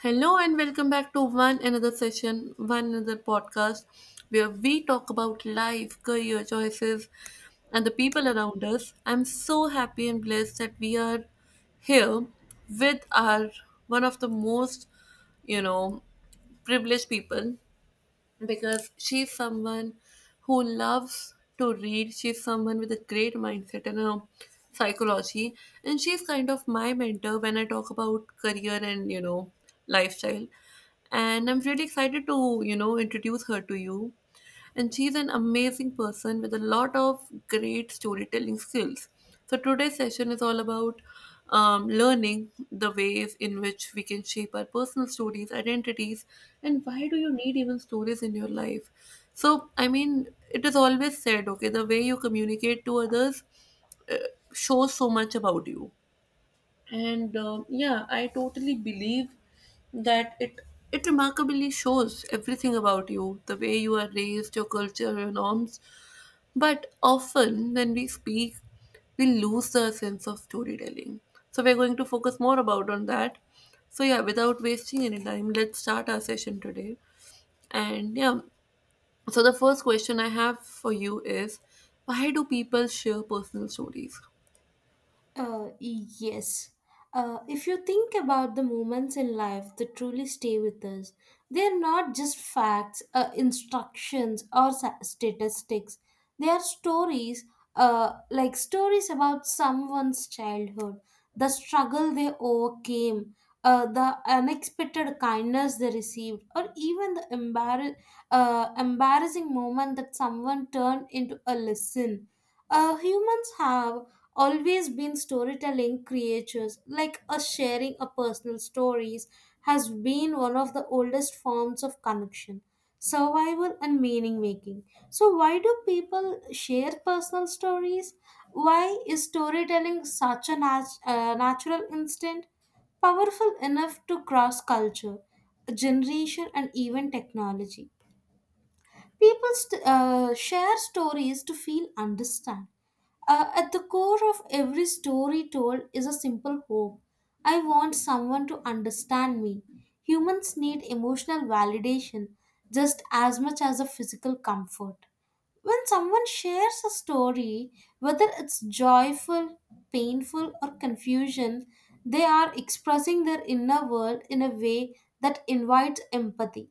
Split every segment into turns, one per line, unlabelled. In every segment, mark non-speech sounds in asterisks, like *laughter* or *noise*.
Hello and welcome back to one another session, one another podcast, where we talk about life, career choices, and the people around us. I'm so happy and blessed that we are here with our one of the most, you know, privileged people because she's someone who loves to read. She's someone with a great mindset and a psychology, and she's kind of my mentor when I talk about career and lifestyle. And I'm really excited to introduce her to you, and she's an amazing person with a lot of great storytelling skills. So today's session is all about learning the ways in which we can shape our personal stories, identities, and why do you need even stories in your life? It is always said, okay, the way you communicate to others uh, shows so much about you, and yeah, I totally believe that it remarkably shows everything about you, the way you are raised, your culture, your norms. But often when we speak, we lose the sense of storytelling, so we're going to focus more about on that. So yeah, without wasting any time, let's start our session today. And yeah, so the first question I have for you is, why do people share personal stories?
Uh, yes. If you think about the moments in life that truly stay with us, they are not just facts, instructions, or statistics. They are stories, like stories about someone's childhood, the struggle they overcame, the unexpected kindness they received, or even the embarrassing moment that someone turned into a lesson. Uh, humans have always been storytelling creatures, like us sharing our personal stories has been one of the oldest forms of connection, survival, and meaning making. So, why do people share personal stories? Why is storytelling such a natural instinct, powerful enough to cross culture, generation, and even technology? People share stories to feel understand. At the core of every story told is a simple hope. I want someone to understand me. Humans need emotional validation just as much as a physical comfort. When someone shares a story, whether it's joyful, painful, or confusion, they are expressing their inner world in a way that invites empathy.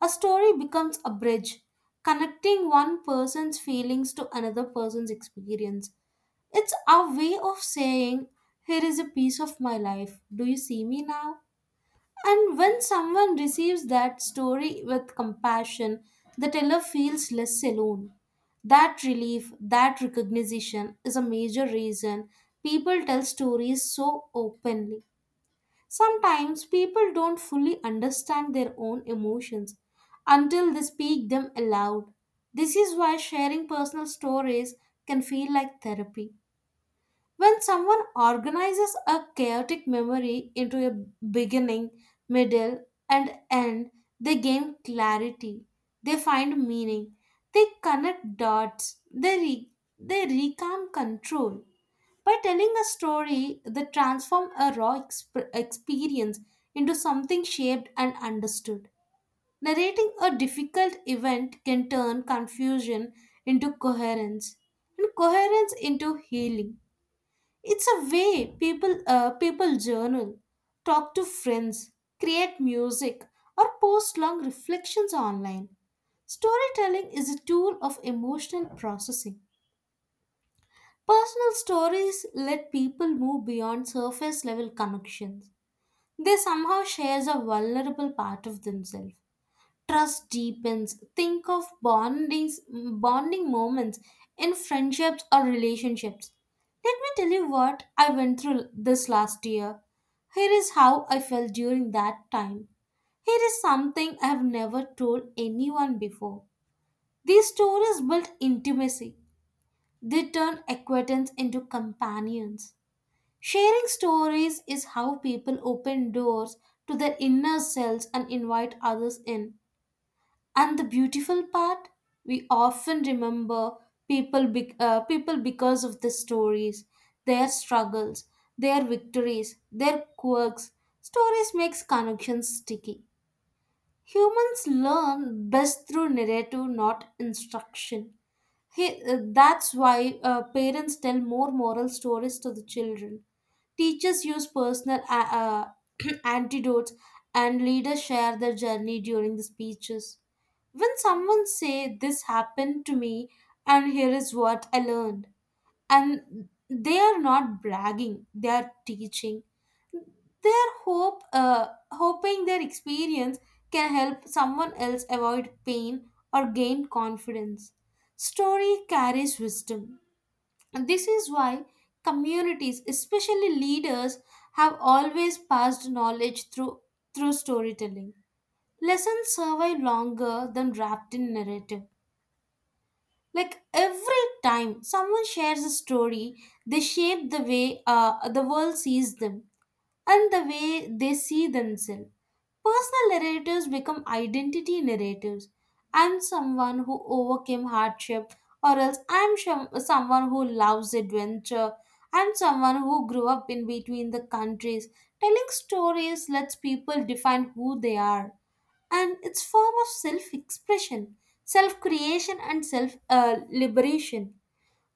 A story becomes a bridge, connecting one person's feelings to another person's experience. It's our way of saying, here is a piece of my life. Do you see me now? And when someone receives that story with compassion, the teller feels less alone. That relief, that recognition is a major reason people tell stories so openly. Sometimes people don't fully understand their own emotions until they speak them aloud. This is why sharing personal stories can feel like therapy. When someone organizes a chaotic memory into a beginning, middle, and end, they gain clarity. They find meaning. They connect dots. They reclaim control. By telling a story that transforms a raw exp- experience into something shaped and understood. Narrating a difficult event can turn confusion into coherence and coherence into healing. It's a way people journal, talk to friends, create music, or post long reflections online. Storytelling is a tool of emotional processing. Personal stories let people move beyond surface level connections. They somehow share a vulnerable part of themselves. Trust deepens. Think of bonding moments in friendships or relationships. Let me tell you what I went through this last year. Here is how I felt during that time. Here is something I have never told anyone before. These stories built intimacy. They turn acquaintance into companions. Sharing stories is how people open doors to their inner selves and invite others in. And the beautiful part, we often remember people because of the stories, their struggles, their victories, their quirks. Stories makes connections sticky. Humans learn best through narrative, not instruction. That's why parents tell more moral stories to the children. Teachers use personal *clears throat* antidotes, and leaders share their journey during the speeches. When someone say this happened to me and here is what I learned, and they are not bragging, they are teaching. They are hope hoping their experience can help someone else avoid pain or gain confidence. Story carries wisdom. And this is why communities, especially leaders, have always passed knowledge through storytelling. Lessons survive longer than wrapped in narrative. Like every time someone shares a story, they shape the way the world sees them and the way they see themselves. Personal narratives become identity narratives. I'm someone who overcame hardship, or else I'm someone who loves adventure. I'm someone who grew up in between the countries. Telling stories lets people define who they are, and its form of self expression, self creation, and self liberation.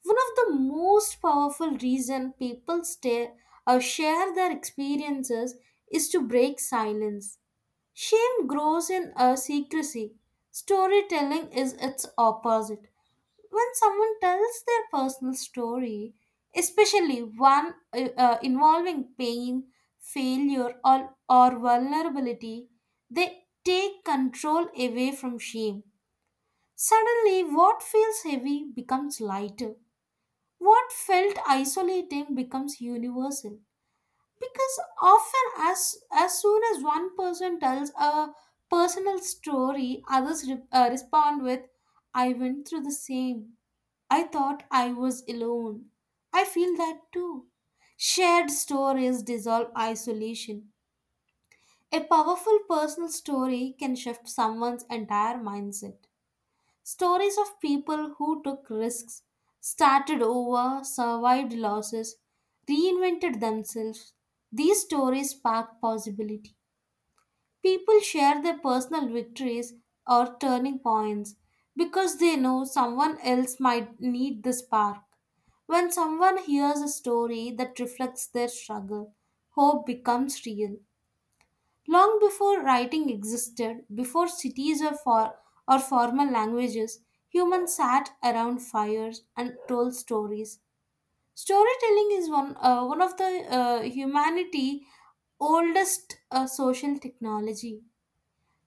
One of the most powerful reason people stay or share their experiences is to break silence. Shame grows in a secrecy. Storytelling is its opposite. When someone tells their personal story, especially one involving pain, failure, or vulnerability, they take control away from shame. Suddenly, what feels heavy becomes lighter. What felt isolating becomes universal, because often as soon as one person tells a personal story, others respond with, I went through the same, I thought I was alone, I feel that too. Shared stories dissolve isolation. A powerful personal story can shift someone's entire mindset. Stories of people who took risks, started over, survived losses, reinvented themselves. These stories spark possibility. People share their personal victories or turning points because they know someone else might need the spark. When someone hears a story that reflects their struggle, hope becomes real. Long before writing existed, before cities or formal languages, humans sat around fires and told stories. Storytelling is one of the humanity oldest social technology.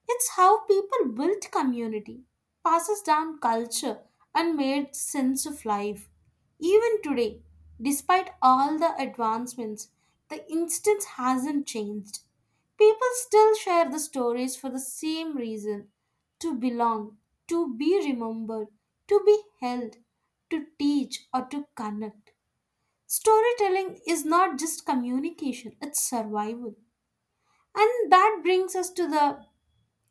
It's how people built community, passes down culture, and made sense of life. Even today, despite all the advancements, the instance hasn't changed. People still share the stories for the same reason: to belong, to be remembered, to be held, to teach, or to connect. Storytelling is not just communication, it's survival. And that brings us to the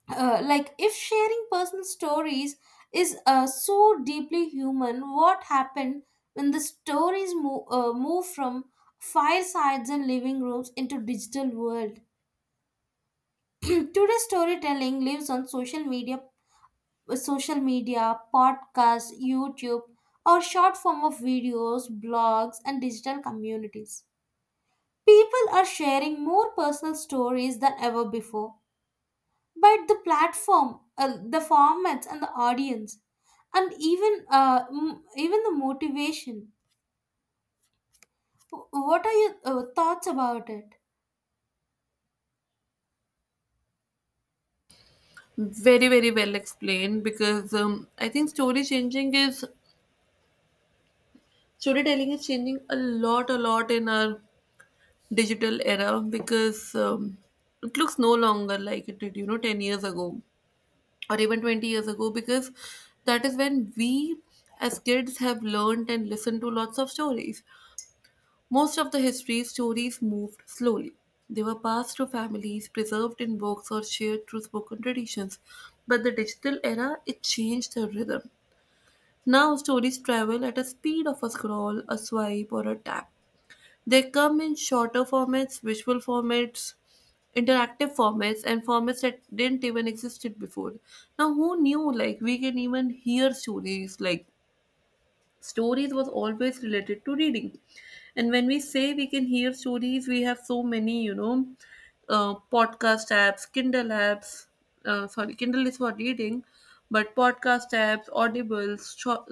uh, like, if sharing personal stories is so deeply human, what happened when the stories move from firesides and living rooms into digital world? *clears throat* Today's storytelling lives on social media, podcasts, YouTube, or short form of videos, blogs, and digital communities. People are sharing more personal stories than ever before, but the formats, and the audience, and even the motivation. What are your thoughts about it?
Very, very well explained because I think storytelling is changing a lot in our digital era because it looks no longer like it did, you know, 10 years ago or even 20 years ago, because that is when we as kids have learned and listened to lots of stories. Most of the history stories moved slowly. They were passed to families, preserved in books, or shared through spoken traditions. But the digital era, it changed the rhythm. Now stories travel at a speed of a scroll, a swipe, or a tap. They come in shorter formats, visual formats, interactive formats, and formats that didn't even existed before. Now who knew like we can even hear stories? Like stories was always related to reading. And when we say we can hear stories, we have so many, podcast apps, Kindle apps. Sorry, Kindle is for reading, but podcast apps, Audibles, short,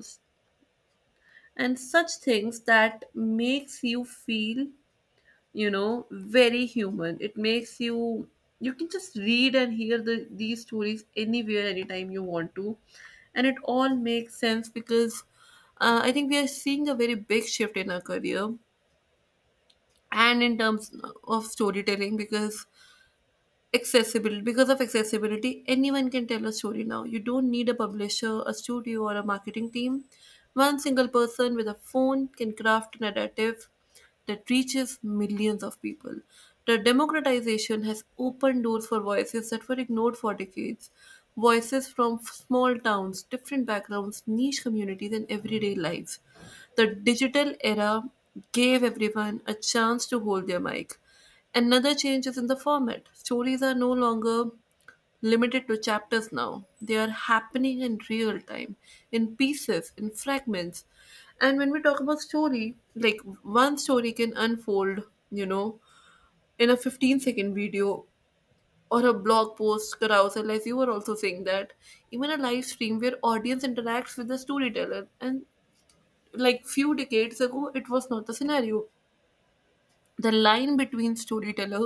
and such things that makes you feel, very human. It makes you, you can just read and hear these stories anywhere, anytime you want to. And it all makes sense because I think we are seeing a very big shift in our career and in terms of storytelling because accessibility because of accessibility, anyone can tell a story now. You don't need a publisher, a studio, or a marketing team. One single person with a phone can craft a narrative that reaches millions of people. The democratization has opened doors for voices that were ignored for decades, voices from small towns, different backgrounds, niche communities, and everyday lives. The digital era gave everyone a chance to hold their mic. Another change is in the format. Stories are no longer limited to chapters now. They are happening in real time, in pieces, in fragments. And when we talk about story, like one story can unfold, you know, in a 15-second video or a blog post carousel, as you were also saying that, even a live stream where audience interacts with the storyteller. And like few decades ago, it was not the scenario. The line between storyteller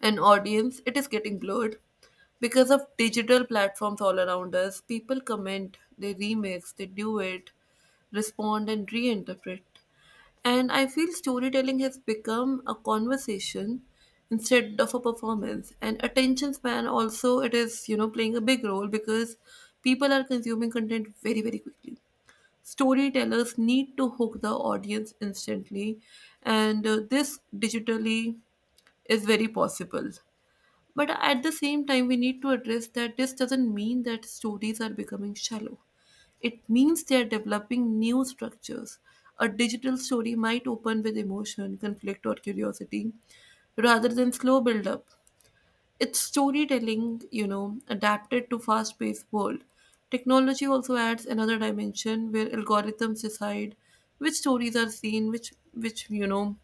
and audience, it is getting blurred because of digital platforms all around us. People comment, they remix, they do it respond and reinterpret. And I feel storytelling has become a conversation instead of a performance. And attention span also, it is, you know, playing a big role because people are consuming content very, very quickly. Storytellers need to hook the audience instantly, and this digitally is very possible. But at the same time, we need to address that this doesn't mean that stories are becoming shallow. It means they are developing new structures. A digital story might open with emotion, conflict, or curiosity rather than slow build up. It's storytelling, you know, adapted to fast-paced world. Technology also adds another dimension where algorithms decide which stories are seen, which, you know,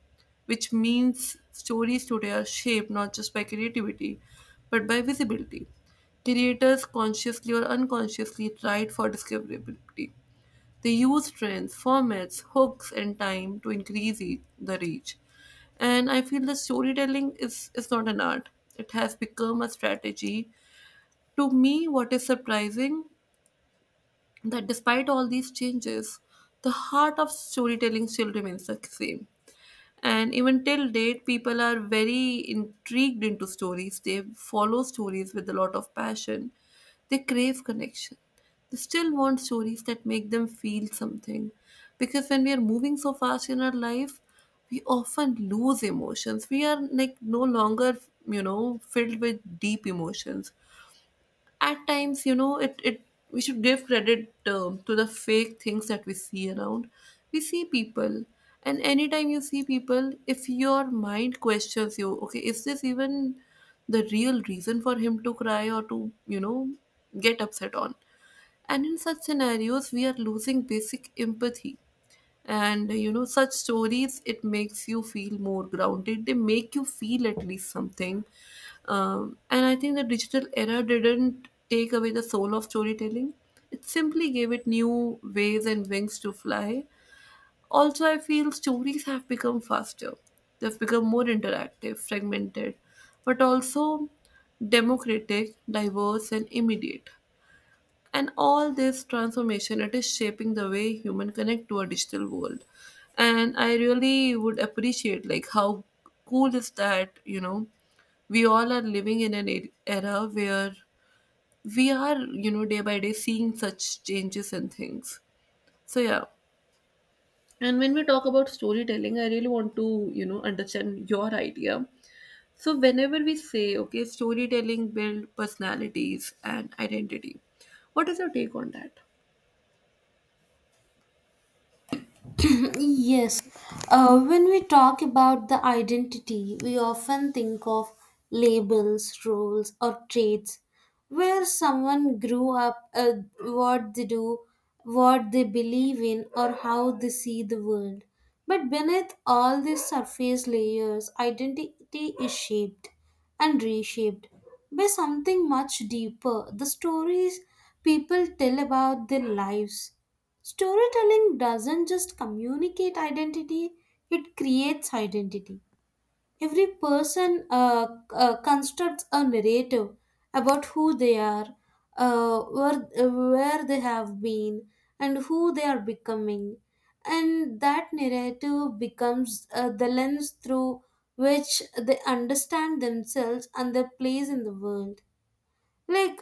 which means stories today are shaped not just by creativity, but by visibility. Creators consciously or unconsciously tried for discoverability. They use trends, formats, hooks, and time to increase the reach. And I feel that is not an art, it has become a strategy. To me, what is surprising that despite all these changes, the heart of storytelling still remains the same. And even till date, people are very intrigued into stories. They follow stories with a lot of passion. They crave connection. They still want stories that make them feel something because when we are moving so fast in our life, we often lose emotions. We are like no longer, you know, filled with deep emotions at times. You know, it we should give credit to the fake things that we see around. We see people, and anytime you see people, if your mind questions you, okay, is this even the real reason for him to cry or to, you know, get upset on. And in such scenarios, we are losing basic empathy. And you know, such stories, it makes you feel more grounded. They make you feel at least something. And I think the digital era didn't take away the soul of storytelling. It simply gave it new ways and wings to fly. Also, I feel stories have become faster, they've become more interactive, fragmented, but also democratic, diverse, and immediate. And all this transformation, it is shaping the way human connect to a digital world. And I really would appreciate like how cool is that, you know, we all are living in an era where we are, you know, day by day seeing such changes and things. So yeah. And when we talk about storytelling, I really want to, you know, understand your idea. So whenever we say, okay, storytelling build personalities and identity, what is your take on that?
*coughs* *clears throat* Yes, when we talk about the identity, we often think of labels, roles, or traits, where someone grew up, what they do, what they believe in, or how they see the world. But beneath all these surface layers, identity is shaped and reshaped by something much deeper, the stories people tell about their lives. Storytelling doesn't just communicate identity, it creates identity. Every person constructs a narrative about who they are, where they have been, and who they are becoming. And that narrative becomes the lens through which they understand themselves and their place in the world. Like,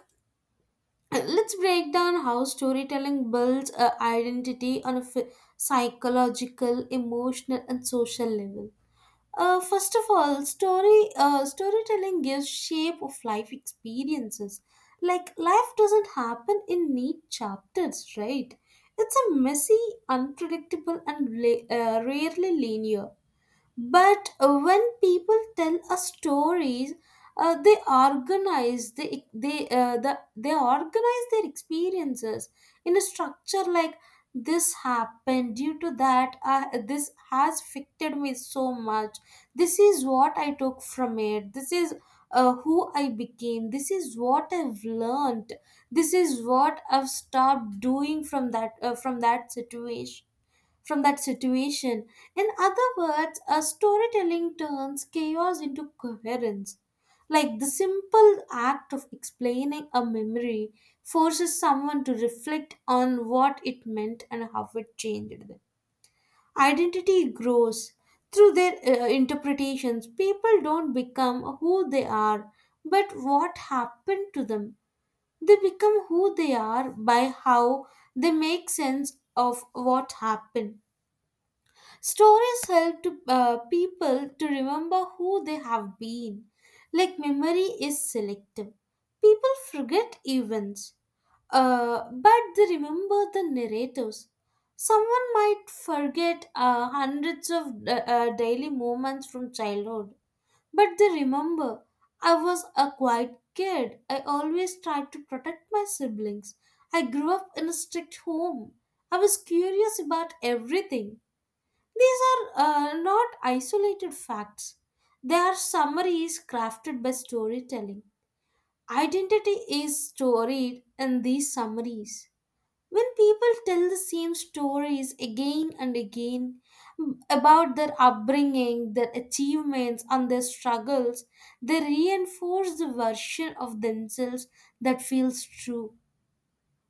let's break down how storytelling builds a identity on a psychological, emotional, and social level. Uh, first of all, storytelling gives shape of life experiences. Like, life doesn't happen in neat chapters, right? It's a messy, unpredictable, and rarely linear. But when people tell us stories, uh, they organize their experiences in a structure like, this happened due to that, this has affected me so much, this is what I took from it, this is who I became, this is what I've learned, this is what I've stopped doing from that situation from that situation. In other words, a storytelling turns chaos into coherence. Like the simple act of explaining a memory forces someone to reflect on what it meant and how it changed them. Identity grows through their interpretations. People don't become who they are, but what happened to them. They become who they are by how they make sense of what happened. Stories help to, people to remember who they have been. Like memory is selective. People forget events, but they remember the narratives. Someone might forget hundreds of daily moments from childhood, but they remember, I was a quiet kid. I always tried to protect my siblings. I grew up in a strict home. I was curious about everything. These are not isolated facts. They are summaries crafted by storytelling. Identity is storied in these summaries. When people tell the same stories again and again, about their upbringing, their achievements, and their struggles, they reinforce the version of themselves that feels true.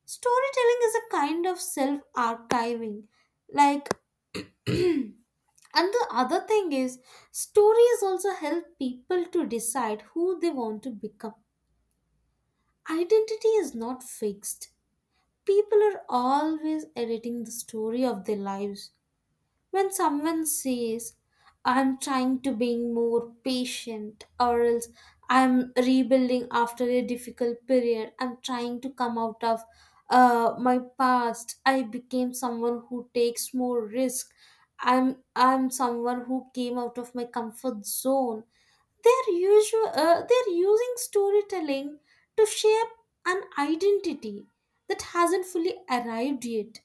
Storytelling is a kind of self archiving, like. And the other thing is, stories also help people to decide who they want to become. Identity is not fixed. People are always editing the story of their lives. When someone says, I'm trying to be more patient, or else I'm rebuilding after a difficult period, I'm trying to come out of my past, I became someone who takes more risk. I'm someone who came out of my comfort zone. They're usual. They're using storytelling to shape an identity that hasn't fully arrived yet.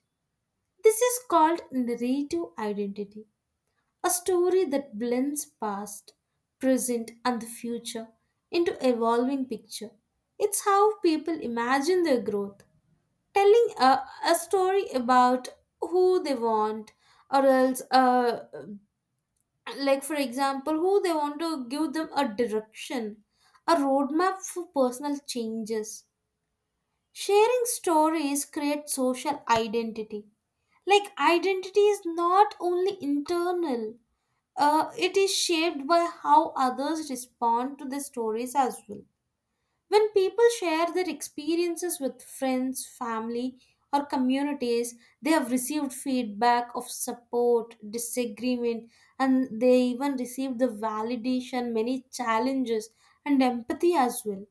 This is called narrative identity. A story that blends past, present, and the future into evolving picture. It's how people imagine their growth. Telling a story about who they want, or else, like for example, who they want to give them a direction, a roadmap for personal changes. Sharing stories create social identity. Like, identity is not only internal, it is shaped by how others respond to the stories as well. When people share their experiences with friends, family, or communities, they have received feedback of support, disagreement, and they even received the validation, many challenges, and empathy as well.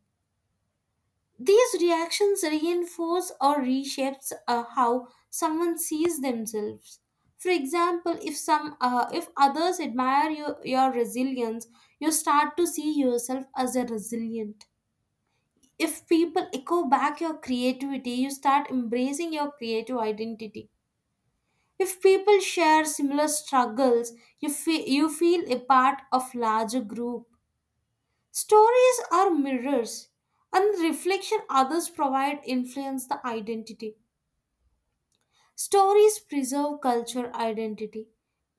These reactions reinforce or reshapes how someone sees themselves. For example, if others admire your resilience, you start to see yourself as a resilient. If people echo back your creativity, you start embracing your creative identity. If people share similar struggles, you feel a part of larger group. Stories are mirrors, and the reflection others provide influence the identity. Stories preserve culture identity.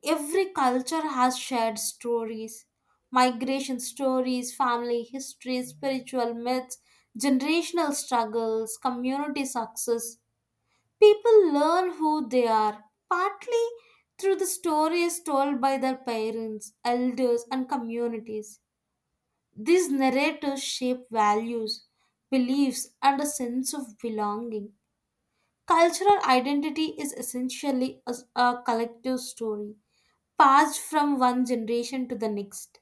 Every culture has shared stories, migration stories, family histories, spiritual myths, generational struggles, community success. People learn who they are, partly through the stories told by their parents, elders, and communities. These narratives shape values, beliefs, and a sense of belonging. Cultural identity is essentially a collective story, passed from one generation to the next.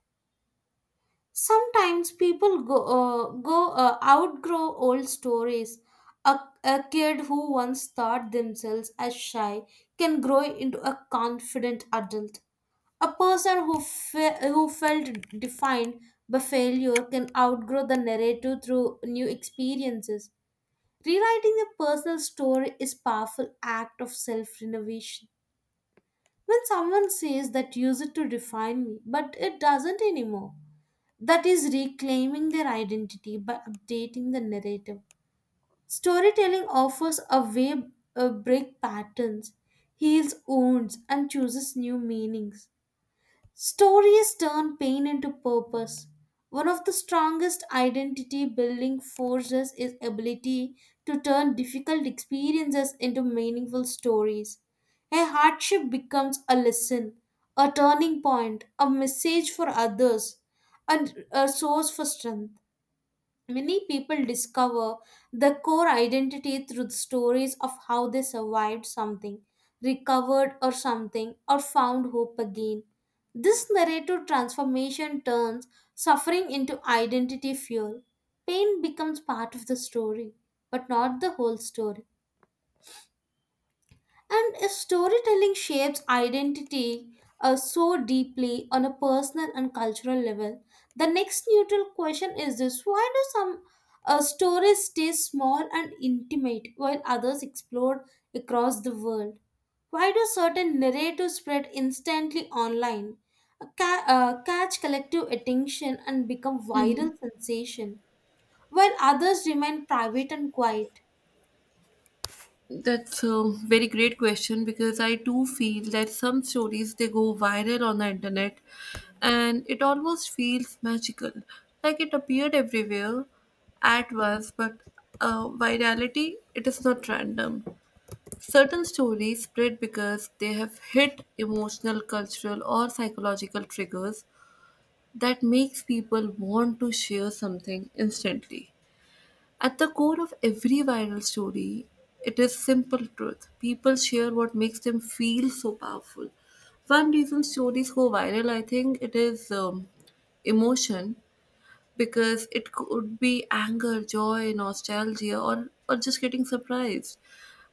Sometimes people go, go outgrow old stories. A kid who once thought themselves as shy can grow into a confident adult. A person who felt defined by failure can outgrow the narrative through new experiences. Rewriting a personal story is powerful act of self-renovation. When someone says that used to define me, but it doesn't anymore, that is reclaiming their identity by updating the narrative. Storytelling offers a way break patterns, heals wounds, and chooses new meanings. Stories turn pain into purpose. One of the strongest identity building forces is ability to turn difficult experiences into meaningful stories. A hardship becomes a lesson, a turning point, a message for others, and a source for strength. Many people discover the core identity through stories of how they survived something, recovered or something, or found hope again. This narrative transformation turns suffering into identity fuel. Pain becomes part of the story, but not the whole story. And a storytelling shapes identity so deeply on a personal and cultural level. The next neutral question is this: why do some stories stay small and intimate while others explode across the world? Why do certain narratives spread instantly online, catch collective attention, and become viral sensation, while others remain private and quiet?
That's a very great question because I do feel that some stories they go viral on the internet, and it almost feels magical, like it appeared everywhere at once. But virality, it is not random. Certain stories spread because they have hit emotional, cultural, or psychological triggers that makes people want to share something instantly. At the core of every viral story, it is simple truth. People share what makes them feel so powerful. One reason stories go viral, I think, it is emotion, because it could be anger, joy, nostalgia, or just getting surprised.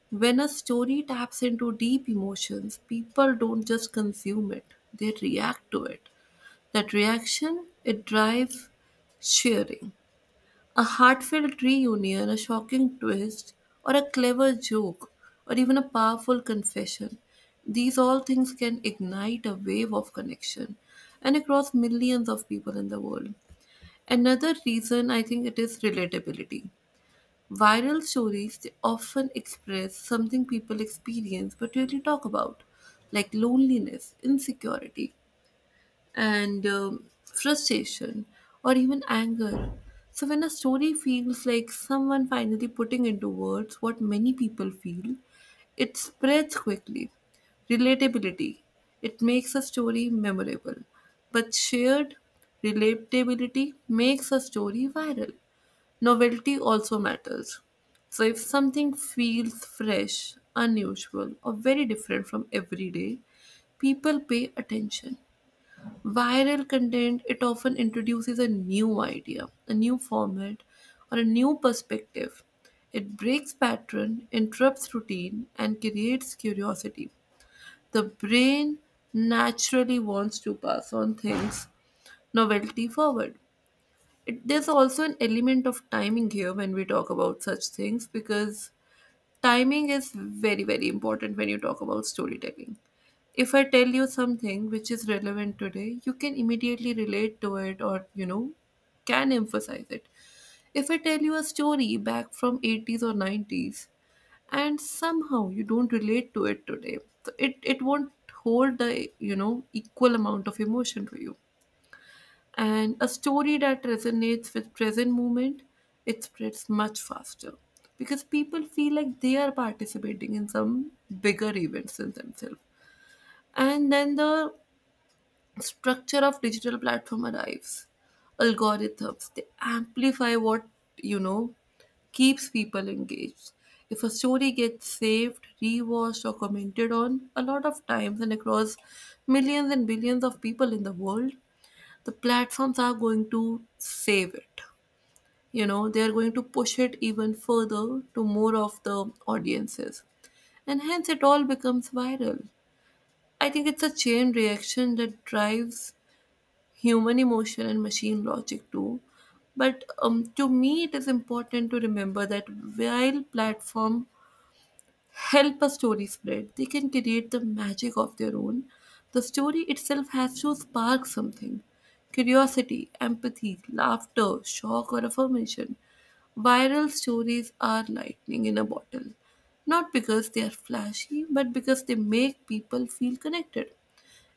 When a story taps into deep emotions, people don't just consume it; they react to it. That reaction, it drives sharing. A heartfelt reunion, a shocking twist, or a clever joke, or even a powerful confession. These all things can ignite a wave of connection and across millions of people in the world. Another reason, I think it is relatability. Viral stories they often express something people experience but rarely talk about, like loneliness, insecurity, and frustration or even anger. So when a story feels like someone finally putting into words what many people feel, it spreads quickly. Relatability, it makes a story memorable. But shared relatability makes a story viral. Novelty also matters. So if something feels fresh, unusual, or very different from everyday, people pay attention. Viral content, it often introduces a new idea, a new format, or a new perspective. It breaks pattern, interrupts routine, and creates curiosity. The brain naturally wants to pass on things, novelty forward. There's also an element of timing here when we talk about such things because timing is very, very important when you talk about storytelling. If I tell you something which is relevant today, you can immediately relate to it, or you know, can emphasize it. If I tell you a story back from 80s or 90s and somehow you don't relate to it today, so it won't hold the, you know, equal amount of emotion for you. And a story that resonates with present moment, it spreads much faster because people feel like they are participating in some bigger events than themselves. And then the structure of digital platform arrives. Algorithms, they amplify what, you know, keeps people engaged. If a story gets saved, rewatched, or commented on a lot of times and across millions and billions of people in the world, the platforms are going to save it. You know, they are going to push it even further to more of the audiences. And hence it all becomes viral. I think it's a chain reaction that drives human emotion and machine logic too. But to me, it is important to remember that while platform help a story spread, they can create the magic of their own. The story itself has to spark something: curiosity, empathy, laughter, shock, or affirmation. Viral stories are lightning in a bottle, not because they are flashy, but because they make people feel connected.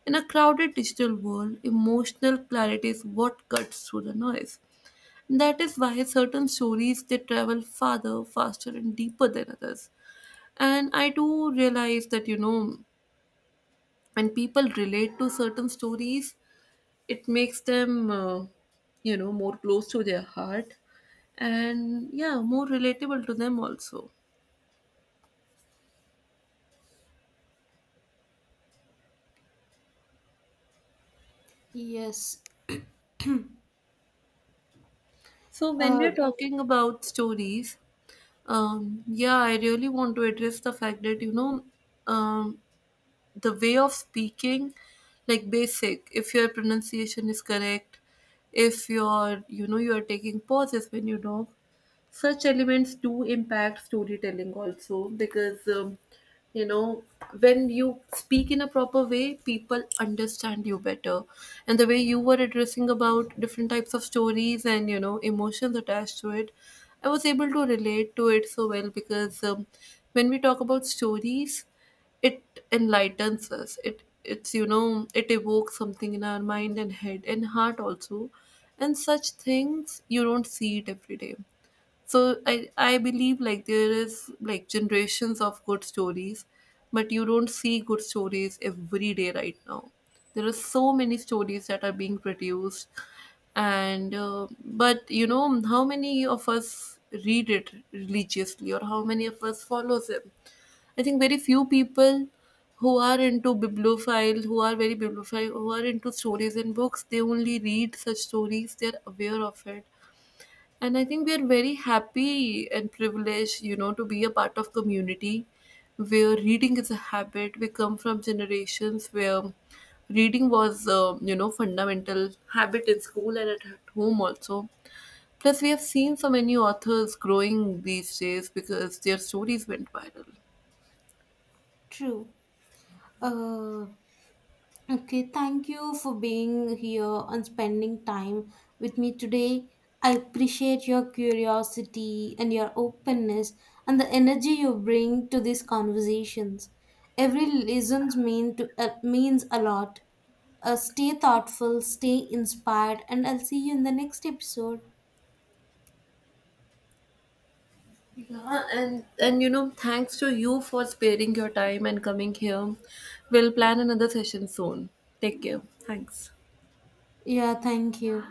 In a crowded digital world, emotional clarity is what cuts through the noise. That is why certain stories they travel farther, faster, and deeper than others. And I do realize that, you know, when people relate to certain stories, it makes them you know, more close to their heart, and yeah, more relatable to them also.
Yes,
So when we
uh,
are talking about stories, yeah, I really want to address the fact that, you know, um, the way of speaking, like basic, if your pronunciation is correct, if you're, you know, you are taking pauses when you talk, such elements do impact storytelling also because, you know, when you speak in a proper way, people understand you better. And the way you were addressing about different types of stories and you know emotions attached to it, I was able to relate to it so well because when we talk about stories, it enlightens us. It's, you know, it evokes something in our mind and head and heart also. And such things you don't see it every day. So I believe like there is like generations of good stories, but you don't see good stories every day. Right now there are so many stories that are being produced, and but you know, how many of us read it religiously or how many of us follows them? I think very few people who are into bibliophile, who are very bibliophile, who are into stories and books, they only read such stories, they're aware of it. And I think we are very happy and privileged, you know, to be a part of community where reading is a habit. We come from generations where reading was, you know, fundamental habit in school and at home also. Plus we have seen so many authors growing these days because their stories went viral.
true. Uh, Okay, thank you for being here and spending time with me today. I appreciate your curiosity and your openness and the energy you bring to these conversations. Every listen means a lot. Stay thoughtful, stay inspired, and I'll see you in the next episode.
Yeah, and you know, thanks to you for sparing your time and coming here. We'll plan another session soon. Take care. Thanks.
Yeah, thank you.